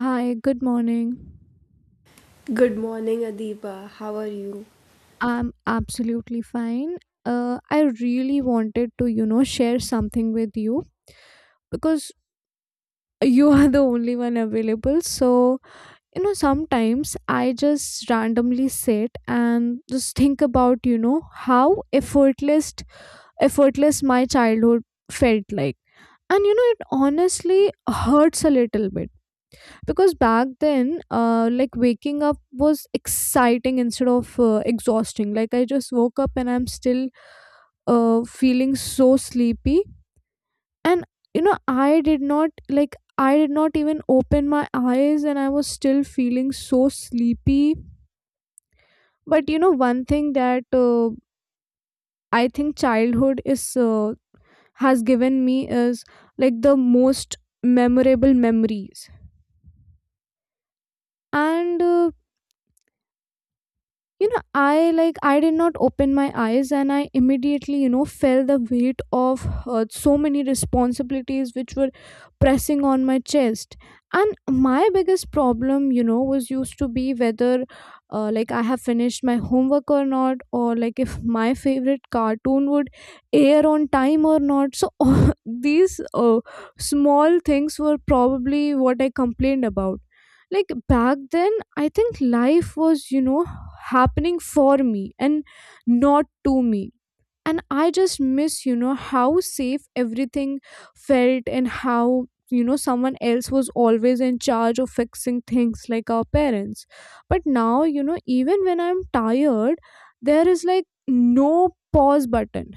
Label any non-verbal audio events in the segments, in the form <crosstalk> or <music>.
Hi, good morning. Good morning, Adiba. How are you? I'm absolutely fine. I really wanted to, share something with you because you <laughs> are the only one available. So, sometimes I just randomly sit and just think about, how effortless my childhood felt like. And, it honestly hurts a little bit because back then like waking up was exciting instead of exhausting. Like, I just woke up and I'm still feeling so sleepy. And you know i did not like I did not even open my eyes and I was still feeling so sleepy. But one thing that I think childhood is uh, has given me is like the most memorable memories. And I did not open my eyes and I immediately felt the weight of so many responsibilities which were pressing on my chest. And my biggest problem, was used to be whether like I have finished my homework or not, or like if my favorite cartoon would air on time or not, so <laughs> these small things were probably what I complained about, like back then. I think life was, happening for me and not to me. And I just miss, how safe everything felt, and how, someone else was always in charge of fixing things, like our parents. But now, even when I'm tired, there is like no pause button.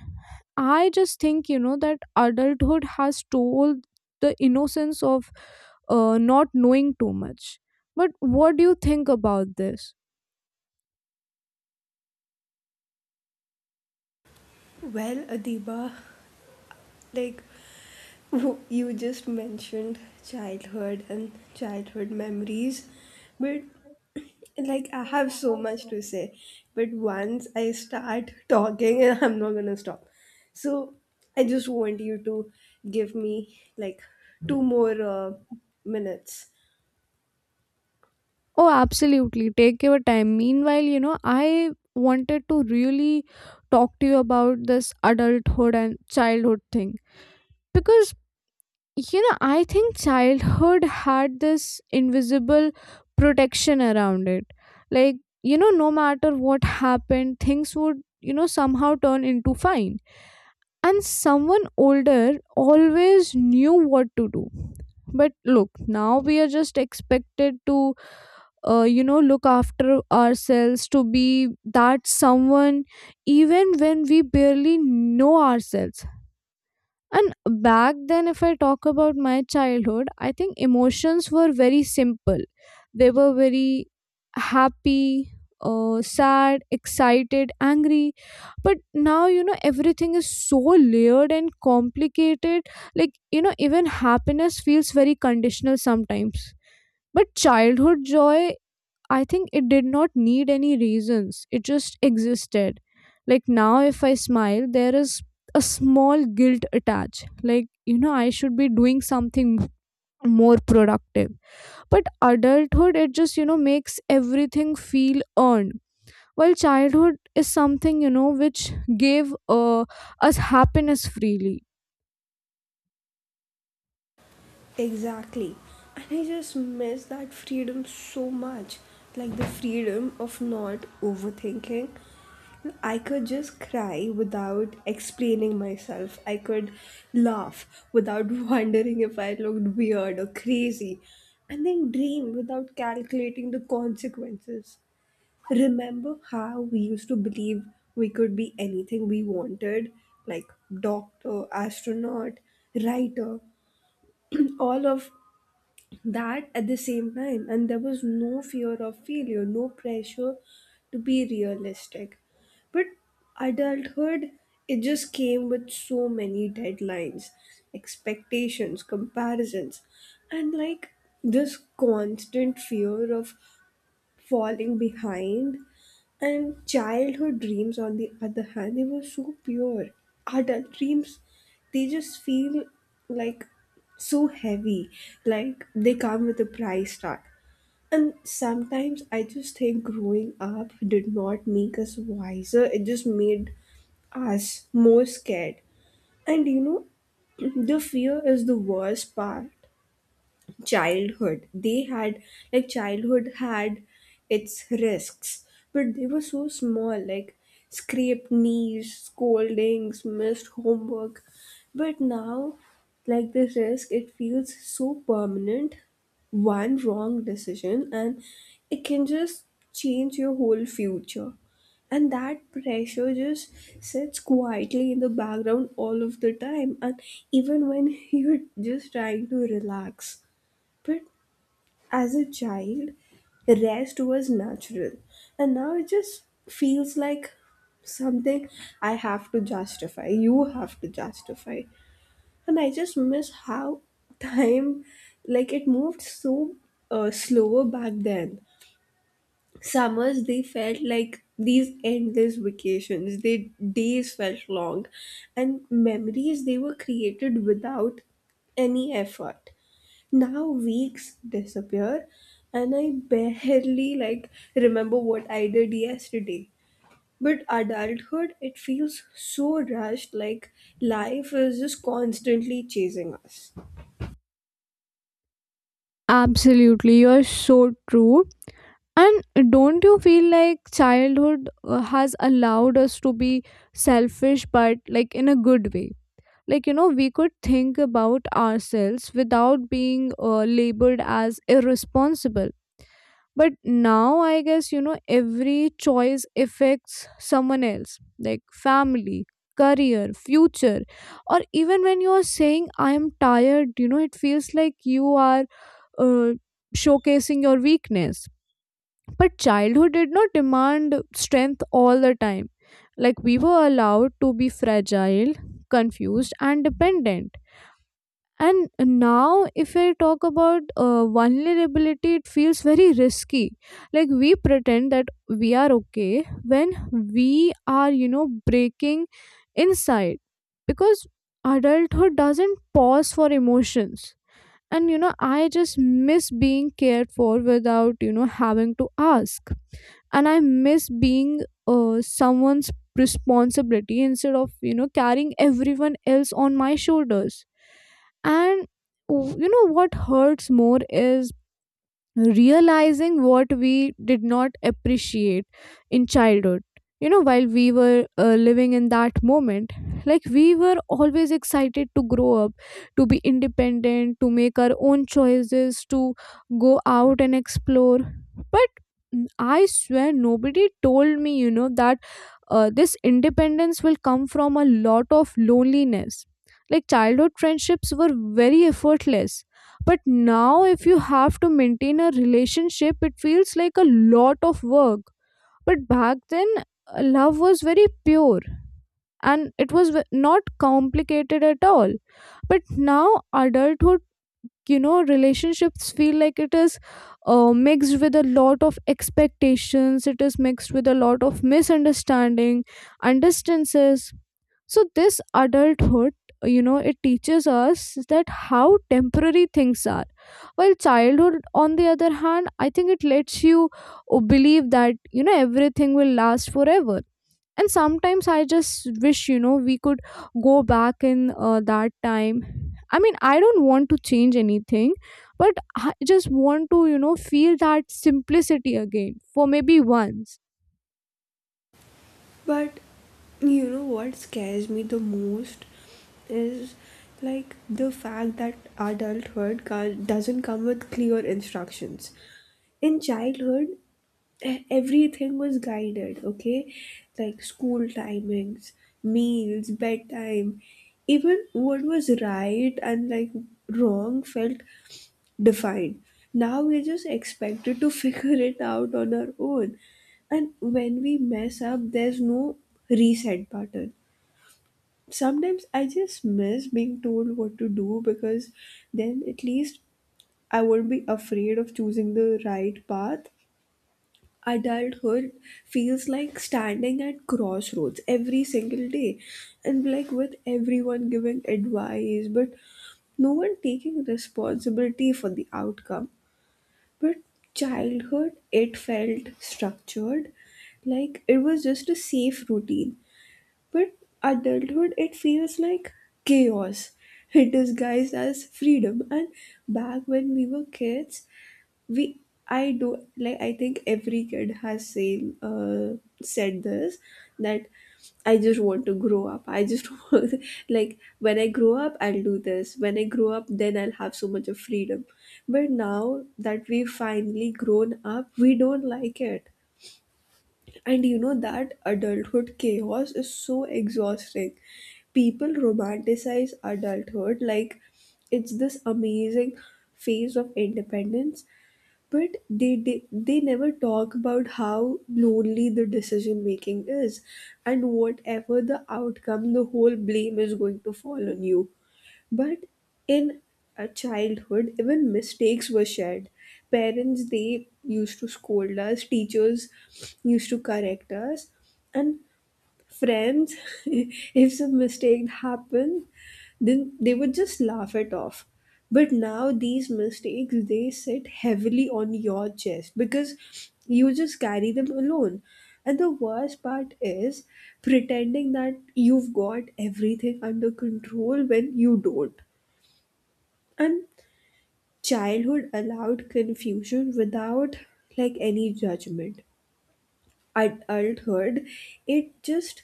I just think, that adulthood has stole the innocence of not knowing too much. But what do you think about this? Well, Adiba, like you just mentioned childhood and childhood memories, but <clears throat> like I have so much to say. But once I start talking, <laughs> I'm not gonna stop. So I just want you to give me like two more minutes. Oh, absolutely. Take your time. Meanwhile, I wanted to really talk to you about this adulthood and childhood thing because, I think childhood had this invisible protection around it. Like, no matter what happened, things would, somehow turn into fine. And someone older always knew what to do. But look, now we are just expected to look after ourselves, to be that someone even when we barely know ourselves. And back then, if I talk about my childhood, I think emotions were very simple. They were very happy, sad, excited, angry. But now, everything is so layered and complicated. Like, even happiness feels very conditional sometimes. But childhood joy, I think it did not need any reasons. It just existed. Like now, if I smile, there is a small guilt attached. Like, I should be doing something more productive. But adulthood, it just, makes everything feel earned. While childhood is something, which gave us happiness freely. Exactly. And I just miss that freedom so much. Like the freedom of not overthinking. I could just cry without explaining myself. I could laugh without <laughs> wondering if I looked weird or crazy. And then dream without calculating the consequences. Remember how we used to believe we could be anything we wanted, like doctor, astronaut, writer, <clears throat> all of that at the same time. And there was no fear of failure, no pressure to be realistic. But adulthood, it just came with so many deadlines, expectations, comparisons, and like this constant fear of falling behind. And childhood dreams, on the other hand, they were so pure. Adult dreams, they just feel like so heavy, like they come with a price tag. And sometimes I just think growing up did not make us wiser, it just made us more scared. And you know, <clears throat> the fear is the worst part. Childhood they had Like childhood had its risks, but they were so small, like scraped knees, scoldings, missed homework. But now, like the risk, it feels so permanent. One wrong decision and it can just change your whole future. And that pressure just sits quietly in the background all of the time, and even when <laughs> you're just trying to relax. But as a child, rest was natural. And now it just feels like something I have to justify. You have to justify. And I just miss how <laughs> time, like, it moved so slower back then. Summers, they felt like these endless vacations. They days felt long, and memories they were created without any effort. Now weeks disappear and I barely like remember what I did yesterday. But adulthood, it feels so rushed, like life is just constantly chasing us. Absolutely, you're so true. And don't you feel like childhood has allowed us to be selfish, but like in a good way? Like, we could think about ourselves without being labeled as irresponsible. But now, I guess, every choice affects someone else, like family, career, future. Or even when you are saying, I am tired, it feels like you are uh, showcasing your weakness. But childhood did not demand strength all the time. Like we were allowed to be fragile, confused, and dependent. And now, if I talk about vulnerability, it feels very risky. Like we pretend that we are okay when we are, breaking inside. Because adulthood doesn't pause for emotions. And, I just miss being cared for without, having to ask. And I miss being someone's responsibility instead of, carrying everyone else on my shoulders. And what hurts more is realizing what we did not appreciate in childhood, while we were living in that moment. Like we were always excited to grow up, to be independent, to make our own choices, to go out and explore. But I swear nobody told me, that this independence will come from a lot of loneliness. Like childhood friendships were very effortless, but now if you have to maintain a relationship, it feels like a lot of work. But back then, love was very pure, and it was not complicated at all. But now, adulthood, relationships feel like it is mixed with a lot of expectations, it is mixed with a lot of misunderstanding and distances. So this adulthood, it teaches us that how temporary things are, while childhood, on the other hand, I think it lets you believe that, everything will last forever. And sometimes I just wish, we could go back in that time. I mean, I don't want to change anything, but I just want to, feel that simplicity again for maybe once. But you know what scares me the most is like the fact that adulthood can doesn't come with clear instructions. In childhood, everything was guided, okay, like school timings, meals, bedtime. Even what was right and like wrong felt defined. Now we're just expected to <laughs> figure it out on our own, and when we mess up there's no reset button. Sometimes I just miss being told what to do, because then at least I won't be afraid of choosing the right path. Adulthood feels like standing at crossroads every single day, and like with everyone giving advice but no one taking responsibility for the outcome. But childhood, it felt structured, like it was just a safe routine. But adulthood, it feels like chaos <laughs> disguised as freedom. And back when we were kids, we I do like I think every kid has same said this, that I just want to grow up. I just <laughs> want, like when I grow up I'll do this, when I grow up then I'll have so much of freedom. But now that we've finally grown up, we don't like it. And you know that adulthood chaos is so exhausting. People romanticize adulthood like it's this amazing phase of independence, but they never talk about how lonely the decision making is, and whatever the outcome, the whole blame is going to fall on you. But in a childhood, even mistakes were shared. Parents they used to scold us, teachers used to correct us, and friends <laughs> if some mistake happen then they would just laugh it off. But now these mistakes they sit heavily on your chest, because you just carry them alone. And the worst part is pretending that you've got everything under control when you don't. And childhood allowed confusion without like any judgment. Adulthood, it just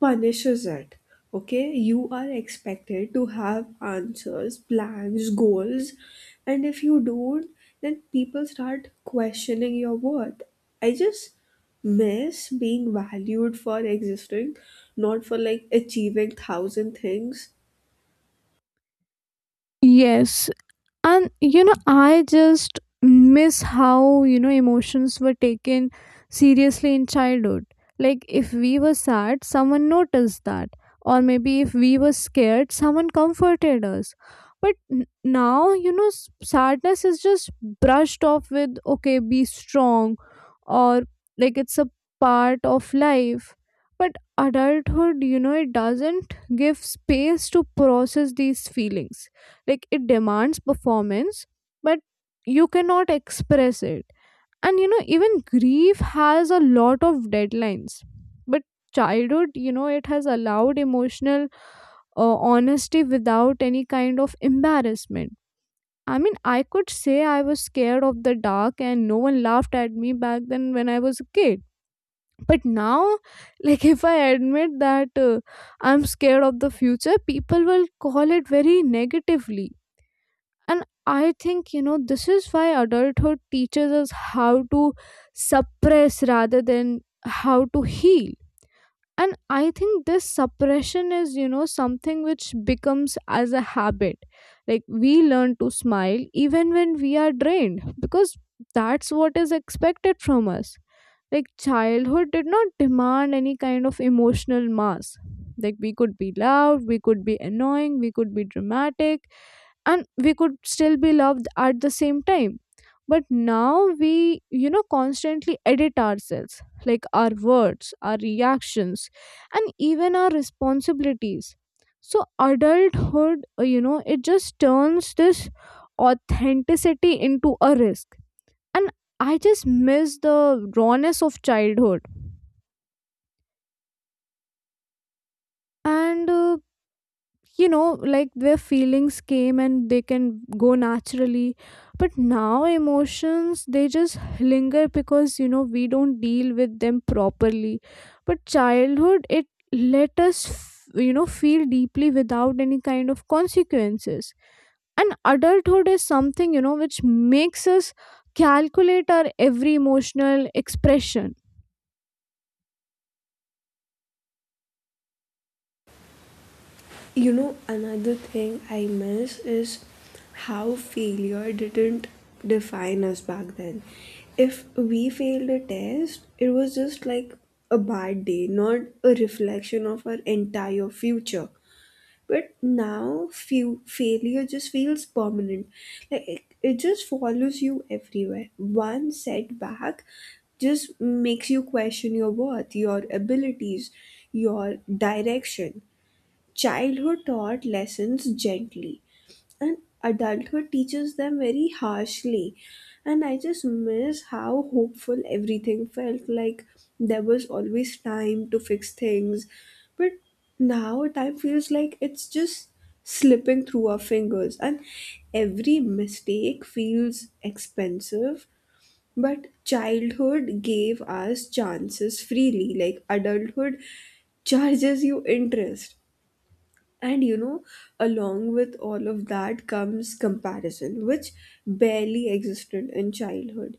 punishes it. Okay, you are expected to have answers, plans, goals, and if you don't, then people start questioning your worth. I just miss being valued for existing, not for like achieving thousand things. Yes. And, I just miss how, emotions were taken seriously in childhood. Like, if we were sad, someone noticed that. Or maybe if we were scared, someone comforted us. But now, sadness is just brushed off with, okay, be strong, or like it's a part of life. But adulthood, it doesn't give space to process these feelings. Like it demands performance, but you cannot express it. And, even grief has a lot of deadlines. But childhood, it has allowed emotional honesty without any kind of embarrassment. I mean, I could say I was scared of the dark, and no one laughed at me back then when I was a kid. But now, like, if I admit that I'm scared of the future, people will call it very negatively. And I think, this is why adulthood teaches us how to suppress rather than how to heal. And I think this suppression is, something which becomes as a habit. Like we learn to smile even when we are drained because that's what is expected from us. Like childhood did not demand any kind of emotional mass. Like we could be loud, we could be annoying, we could be dramatic, and we could still be loved at the same time. But now we, constantly edit ourselves, like our words, our reactions, and even our responsibilities. So adulthood, it just turns this authenticity into a risk. And I just miss the rawness of childhood. And you know like their feelings came and they can go naturally. But now emotions, they just linger because, we don't deal with them properly. But childhood, it let us feel deeply without any kind of consequences. And adulthood is something, which makes us calculate our every emotional expression. You know, another thing I miss is how failure didn't define us back then. If we failed a test, it was just like a bad day, not a reflection of our entire future. But now, failure just feels permanent. Like it just follows you everywhere. One setback just makes you question your worth, your abilities, your direction. Childhood taught lessons gently, and adulthood teaches them very harshly. And I just miss how hopeful everything felt, like there was always time to fix things. But now time feels like it's just slipping through our fingers, and every mistake feels expensive. But childhood gave us chances freely, like adulthood charges you interest. And you know, along with all of that comes comparison, which barely existed in childhood.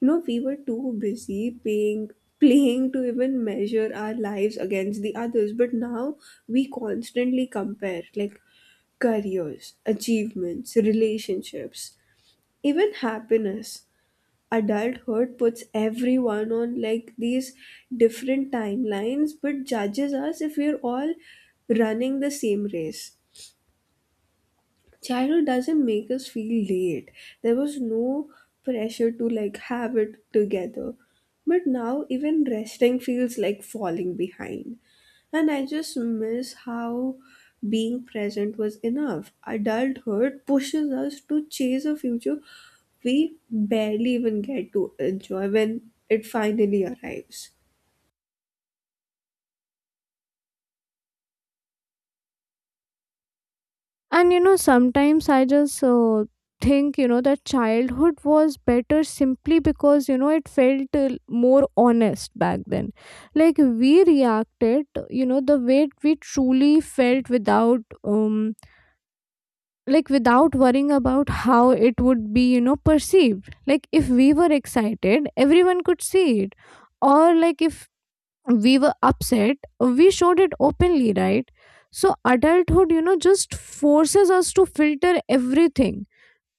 You know, we were too busy playing to even measure our lives against the others, but now we constantly compare, like careers, achievements, relationships, even happiness. Adulthood puts everyone on like these different timelines, but judges us if we're all running the same race. Childhood doesn't make us feel late. There was no pressure to like have it together, but now even resting feels like falling behind. And I just miss how being present was enough. Adulthood pushes us to chase a future we barely even get to enjoy when it finally arrives. And, sometimes I just think, that childhood was better simply because, it felt more honest back then. Like we reacted, the way we truly felt without, like without worrying about how it would be, perceived. Like if we were excited, everyone could see it. Or like if we were upset, we showed it openly, right? So adulthood, just forces us to filter everything,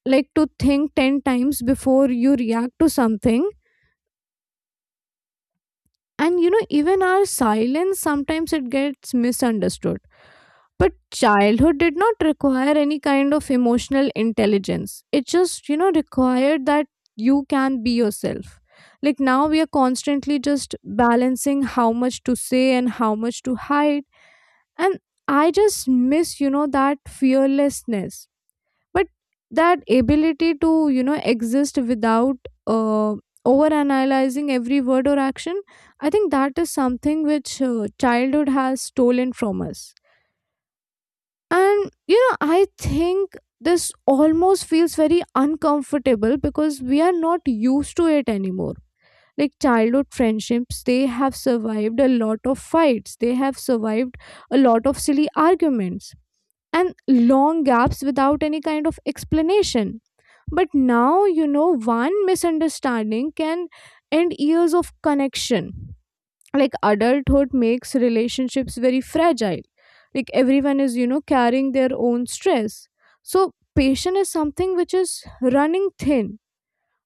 like to think 10 times before you react to something. And, even our silence sometimes it gets misunderstood. But childhood did not require any kind of emotional intelligence. It just, required that you can be yourself. Like now we are constantly just balancing how much to say and how much to hide. And I just miss, that fearlessness. But that ability to, exist without uh, over analyzing every word or action, I think that is something which childhood has stolen from us. And, I think this almost feels very uncomfortable because we are not used to it anymore. Like childhood friendships, they have survived a lot of fights, they have survived a lot of silly arguments and long gaps without any kind of explanation. But now, one misunderstanding can end years of connection. Like adulthood makes relationships very fragile. Like everyone is, carrying their own stress. So patience is something which is running thin.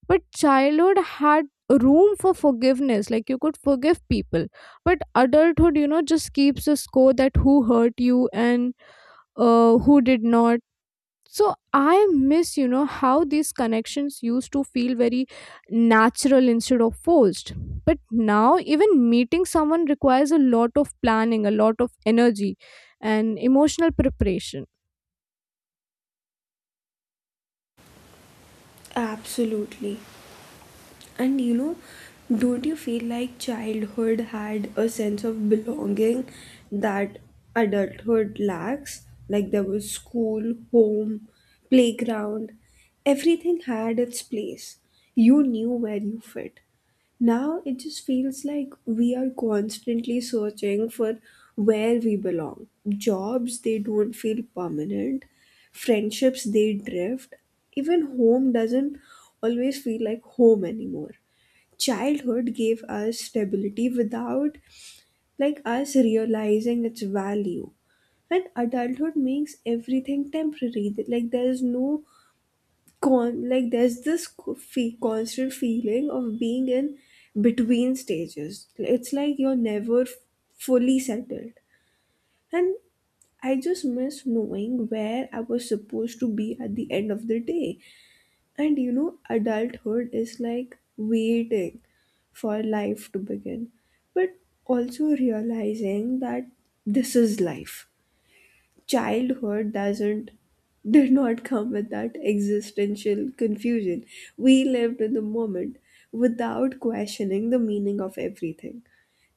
But childhood had room for forgiveness, like you could forgive people. But adulthood, just keeps a score that who hurt you and who did not. So I miss, how these connections used to feel very natural instead of forced. But now even meeting someone requires a lot of planning, a lot of energy, and emotional preparation. Absolutely. And you know, don't you feel like childhood had a sense of belonging that adulthood lacks? Like there was school, home, playground, everything had its place. You knew where you fit. Now it just feels like we are constantly searching for where we belong. Jobs, they don't feel permanent. Friendships, they drift. Even home doesn't always feel like home anymore. Childhood gave us stability without like us realizing its value, and adulthood makes everything temporary. That, like there's no con like there's this constant feeling of being in between stages. It's like you're never fully settled. And I just miss knowing where I was supposed to be at the end of the day. And you know, adulthood is like waiting for life to begin, but also realizing that this is life. Childhood doesn't, did not come with that existential confusion. We lived in the moment without questioning the meaning of everything.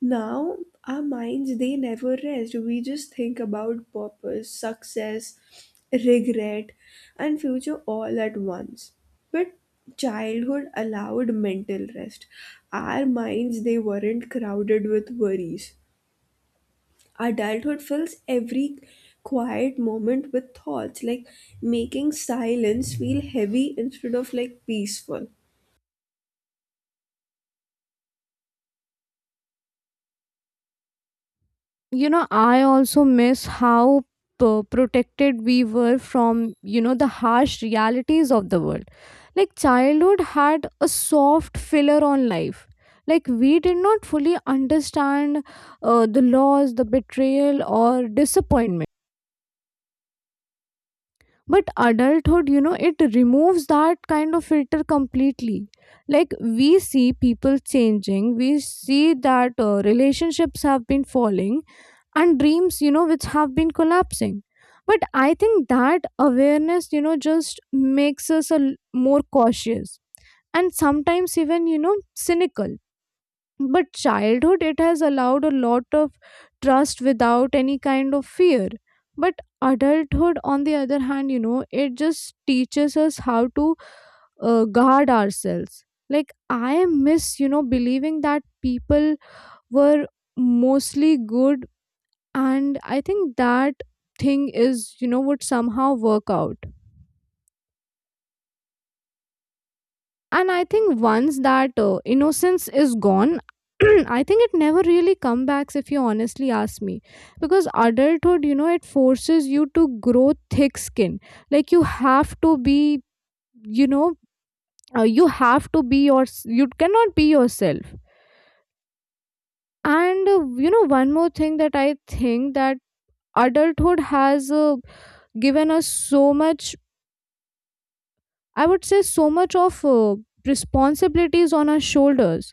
Now, our minds, they never rest. We just think about purpose, success, regret, and future all at once. But childhood allowed mental rest. Our minds, they weren't crowded with worries. Adulthood fills every quiet moment with thoughts, like making silence feel heavy instead of like peaceful. I also miss how protected we were from, the harsh realities of the world. Like childhood had a soft filler on life. Like we did not fully understand the loss, the betrayal, or disappointment. But adulthood, it removes that kind of filter completely. Like we see people changing We see that relationships have been falling and dreams, which have been collapsing. But I think that awareness, just makes us more cautious, and sometimes even, cynical. But childhood, it has allowed a lot of trust without any kind of fear. But adulthood, on the other hand, it just teaches us how to guard ourselves. Like, I miss, believing that people were mostly good, and I think that thing is, would somehow work out. And I think once that innocence is gone, <clears throat> I think it never really comes back, if you honestly ask me. Because adulthood, it forces you to grow thick skin. Like, you have to be, you know you have to be your, you cannot be yourself. And one more thing that I think that adulthood has given us so much. I would say so much of responsibilities on our shoulders.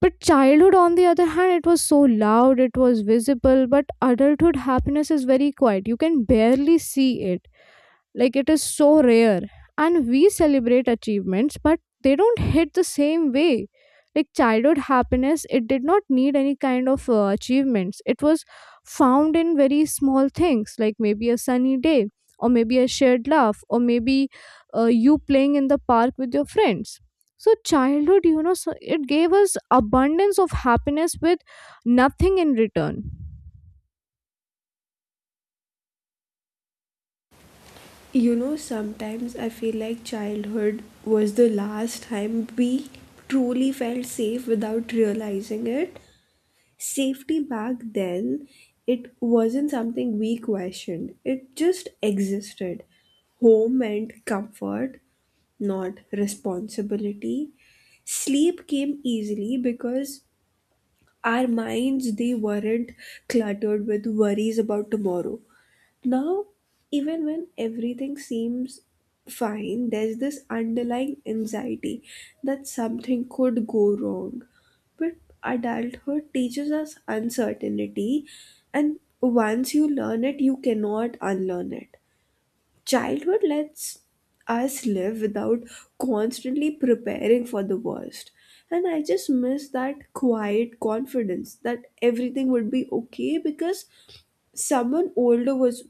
But childhood, on the other hand, it was so loud, it was visible. But adulthood happiness is very quiet. You can barely see it. Like, it is so rare. And we celebrate achievements, but they don't hit the same way. Like, childhood happiness, it did not need any kind of achievements. It was found in very small things, like maybe a sunny day, or maybe a shared laugh, or maybe you playing in the park with your friends. So childhood, so it gave us abundance of happiness with nothing in return. You know, sometimes I feel like childhood was the last time we truly felt safe without realizing it. Safety back then, it wasn't something we questioned, it just existed. Home meant comfort, not responsibility. Sleep came easily because our minds they weren't cluttered with worries about tomorrow. Now, even when everything seems fine, there's this underlying anxiety that something could go wrong. But adulthood teaches us uncertainty, and once you learn it, you cannot unlearn it. Childhood lets us live without constantly preparing for the worst. And I just miss that quiet confidence that everything would be okay, because someone older was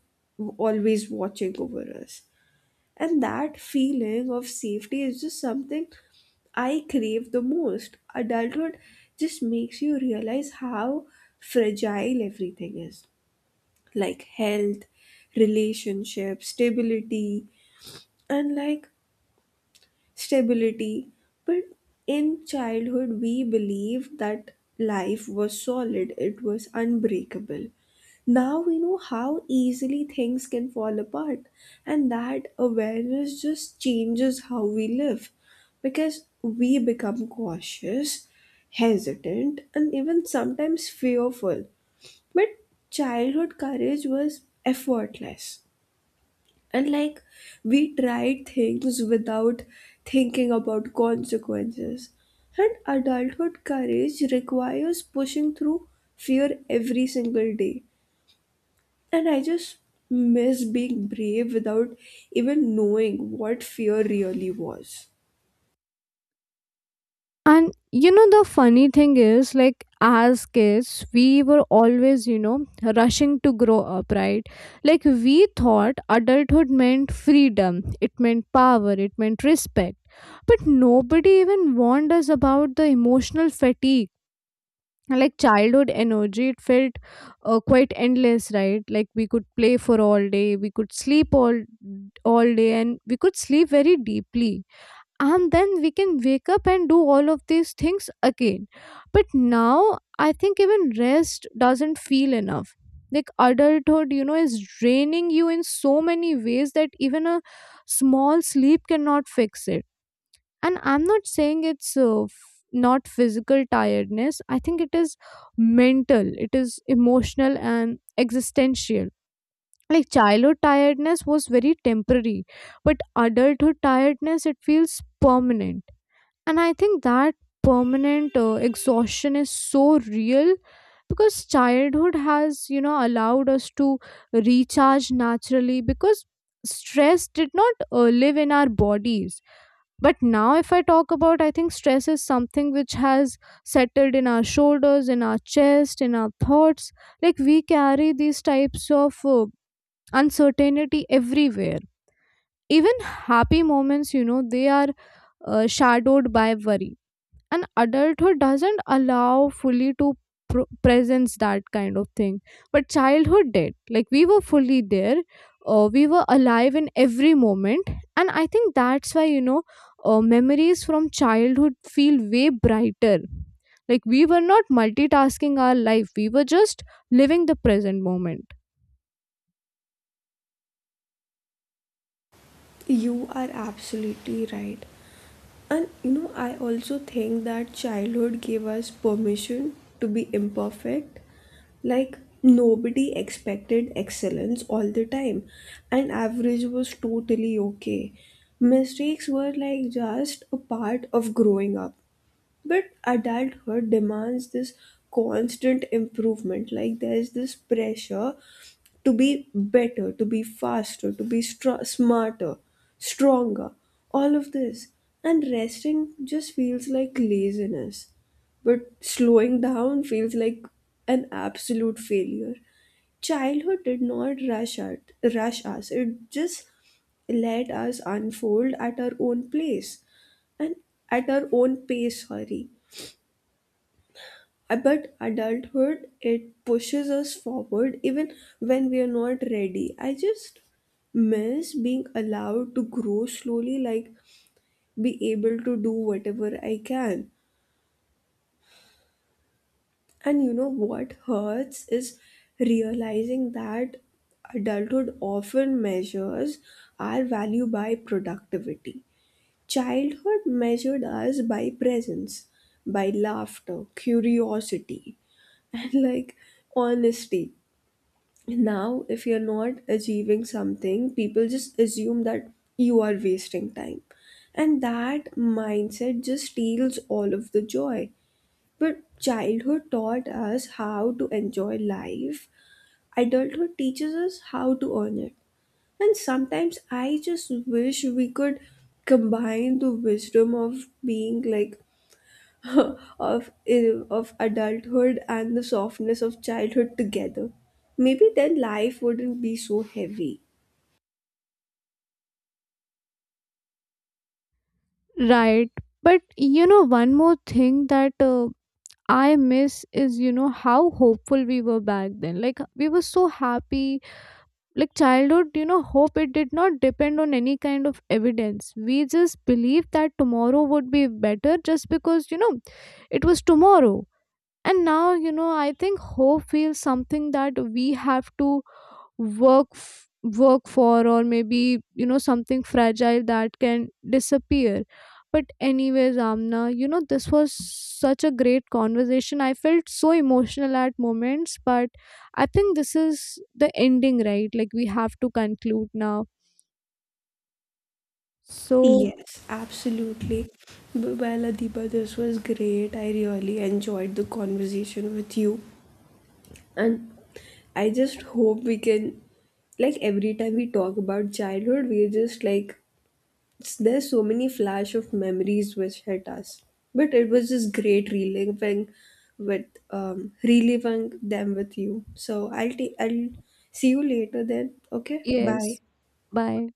always watching over us. And that feeling of safety is just something I crave the most. Adulthood just makes you realize how fragile everything is, like health, relationships, stability, and like stability. But in childhood, we believed that life was solid, it was unbreakable. Now we know how easily things can fall apart, and that awareness just changes how we live, because we become cautious, hesitant, and even sometimes fearful. But childhood courage was effortless. And like we tried things without thinking about consequences. And adulthood courage requires pushing through fear every single day. And I just miss being brave without even knowing what fear really was. And you know, the funny thing is, like, as kids, we were always, you know, rushing to grow up, right? Like, we thought adulthood meant freedom, it meant power, it meant respect. But nobody even warned us about the emotional fatigue. Like, childhood energy, it felt quite endless, right? Like, we could play for all day, we could sleep all day, and we could sleep very deeply, and then we can wake up and do all of these things again. But now I think even rest doesn't feel enough. Like, adulthood, you know, is draining you in so many ways that even a small sleep cannot fix it. And I'm not saying it's not physical tiredness. I think it is mental, it is emotional, and existential. Like, childhood tiredness was very temporary, but adulthood tiredness, it feels permanent. And I think that permanent exhaustion is so real, because childhood has, you know, allowed us to recharge naturally, because stress did not live in our bodies. But now, if I talk about, I think stress is something which has settled in our shoulders, in our chest, in our thoughts. Like, we carry these types of uncertainty everywhere. Even happy moments, you know, they are shadowed by worry. An adult who doesn't allow fully to presence that kind of thing. But childhood did. Like, we were fully there, we were alive in every moment. And I think that's why, you know, memories from childhood feel way brighter. Like, we were not multitasking our life, we were just living the present moment. You are absolutely right. And you know, I also think that childhood gave us permission to be imperfect. Like, nobody expected excellence all the time, and average was totally okay. Mistakes were like just a part of growing up. But adulthood demands this constant improvement. Like, there's this pressure to be better, to be faster, to be smarter, stronger, all of this. And resting just feels like laziness. But slowing down feels like an absolute failure. Childhood did not rush us, it just let us unfold at our own place and at our own pace, sorry. But adulthood, it pushes us forward even when we are not ready. I just miss being allowed to grow slowly, like be able to do whatever I can. And you know what hurts is realizing that adulthood often measures our value by productivity. Childhood measured us by presence, by laughter, curiosity, <laughs> and like honesty. Now if you're not achieving something, people just assume that you are wasting time, and that mindset just steals all of the joy. But childhood taught us how to enjoy life, adulthood teaches us how to earn it. And sometimes I just wish we could combine the wisdom of being like <laughs> of of adulthood and the softness of childhood together. Maybe then life wouldn't be so heavy. Right, but you know, one more thing that I miss is, you know, how hopeful we were back then. Like, we were so happy. Like, childhood, you know, hope, it did not depend on any kind of evidence. We just believed that tomorrow would be better, just because, you know, it was tomorrow. And now, you know, I think hope feels something that we have to work for, or maybe, you know, something fragile that can disappear. But anyways, Amna, you know, this was such a great conversation. I felt so emotional at moments, but I think this is the ending, right? Like, we have to conclude now, so. Yes, absolutely. Well, Adiba, this was great. I really enjoyed the conversation with you. And I just hope we can, like every time we talk about childhood we're just like, there's so many flash of memories which hit us. But it was just great reliving with um reliving them with you. So I'll see you later then. Okay. Bye. Yes. Bye.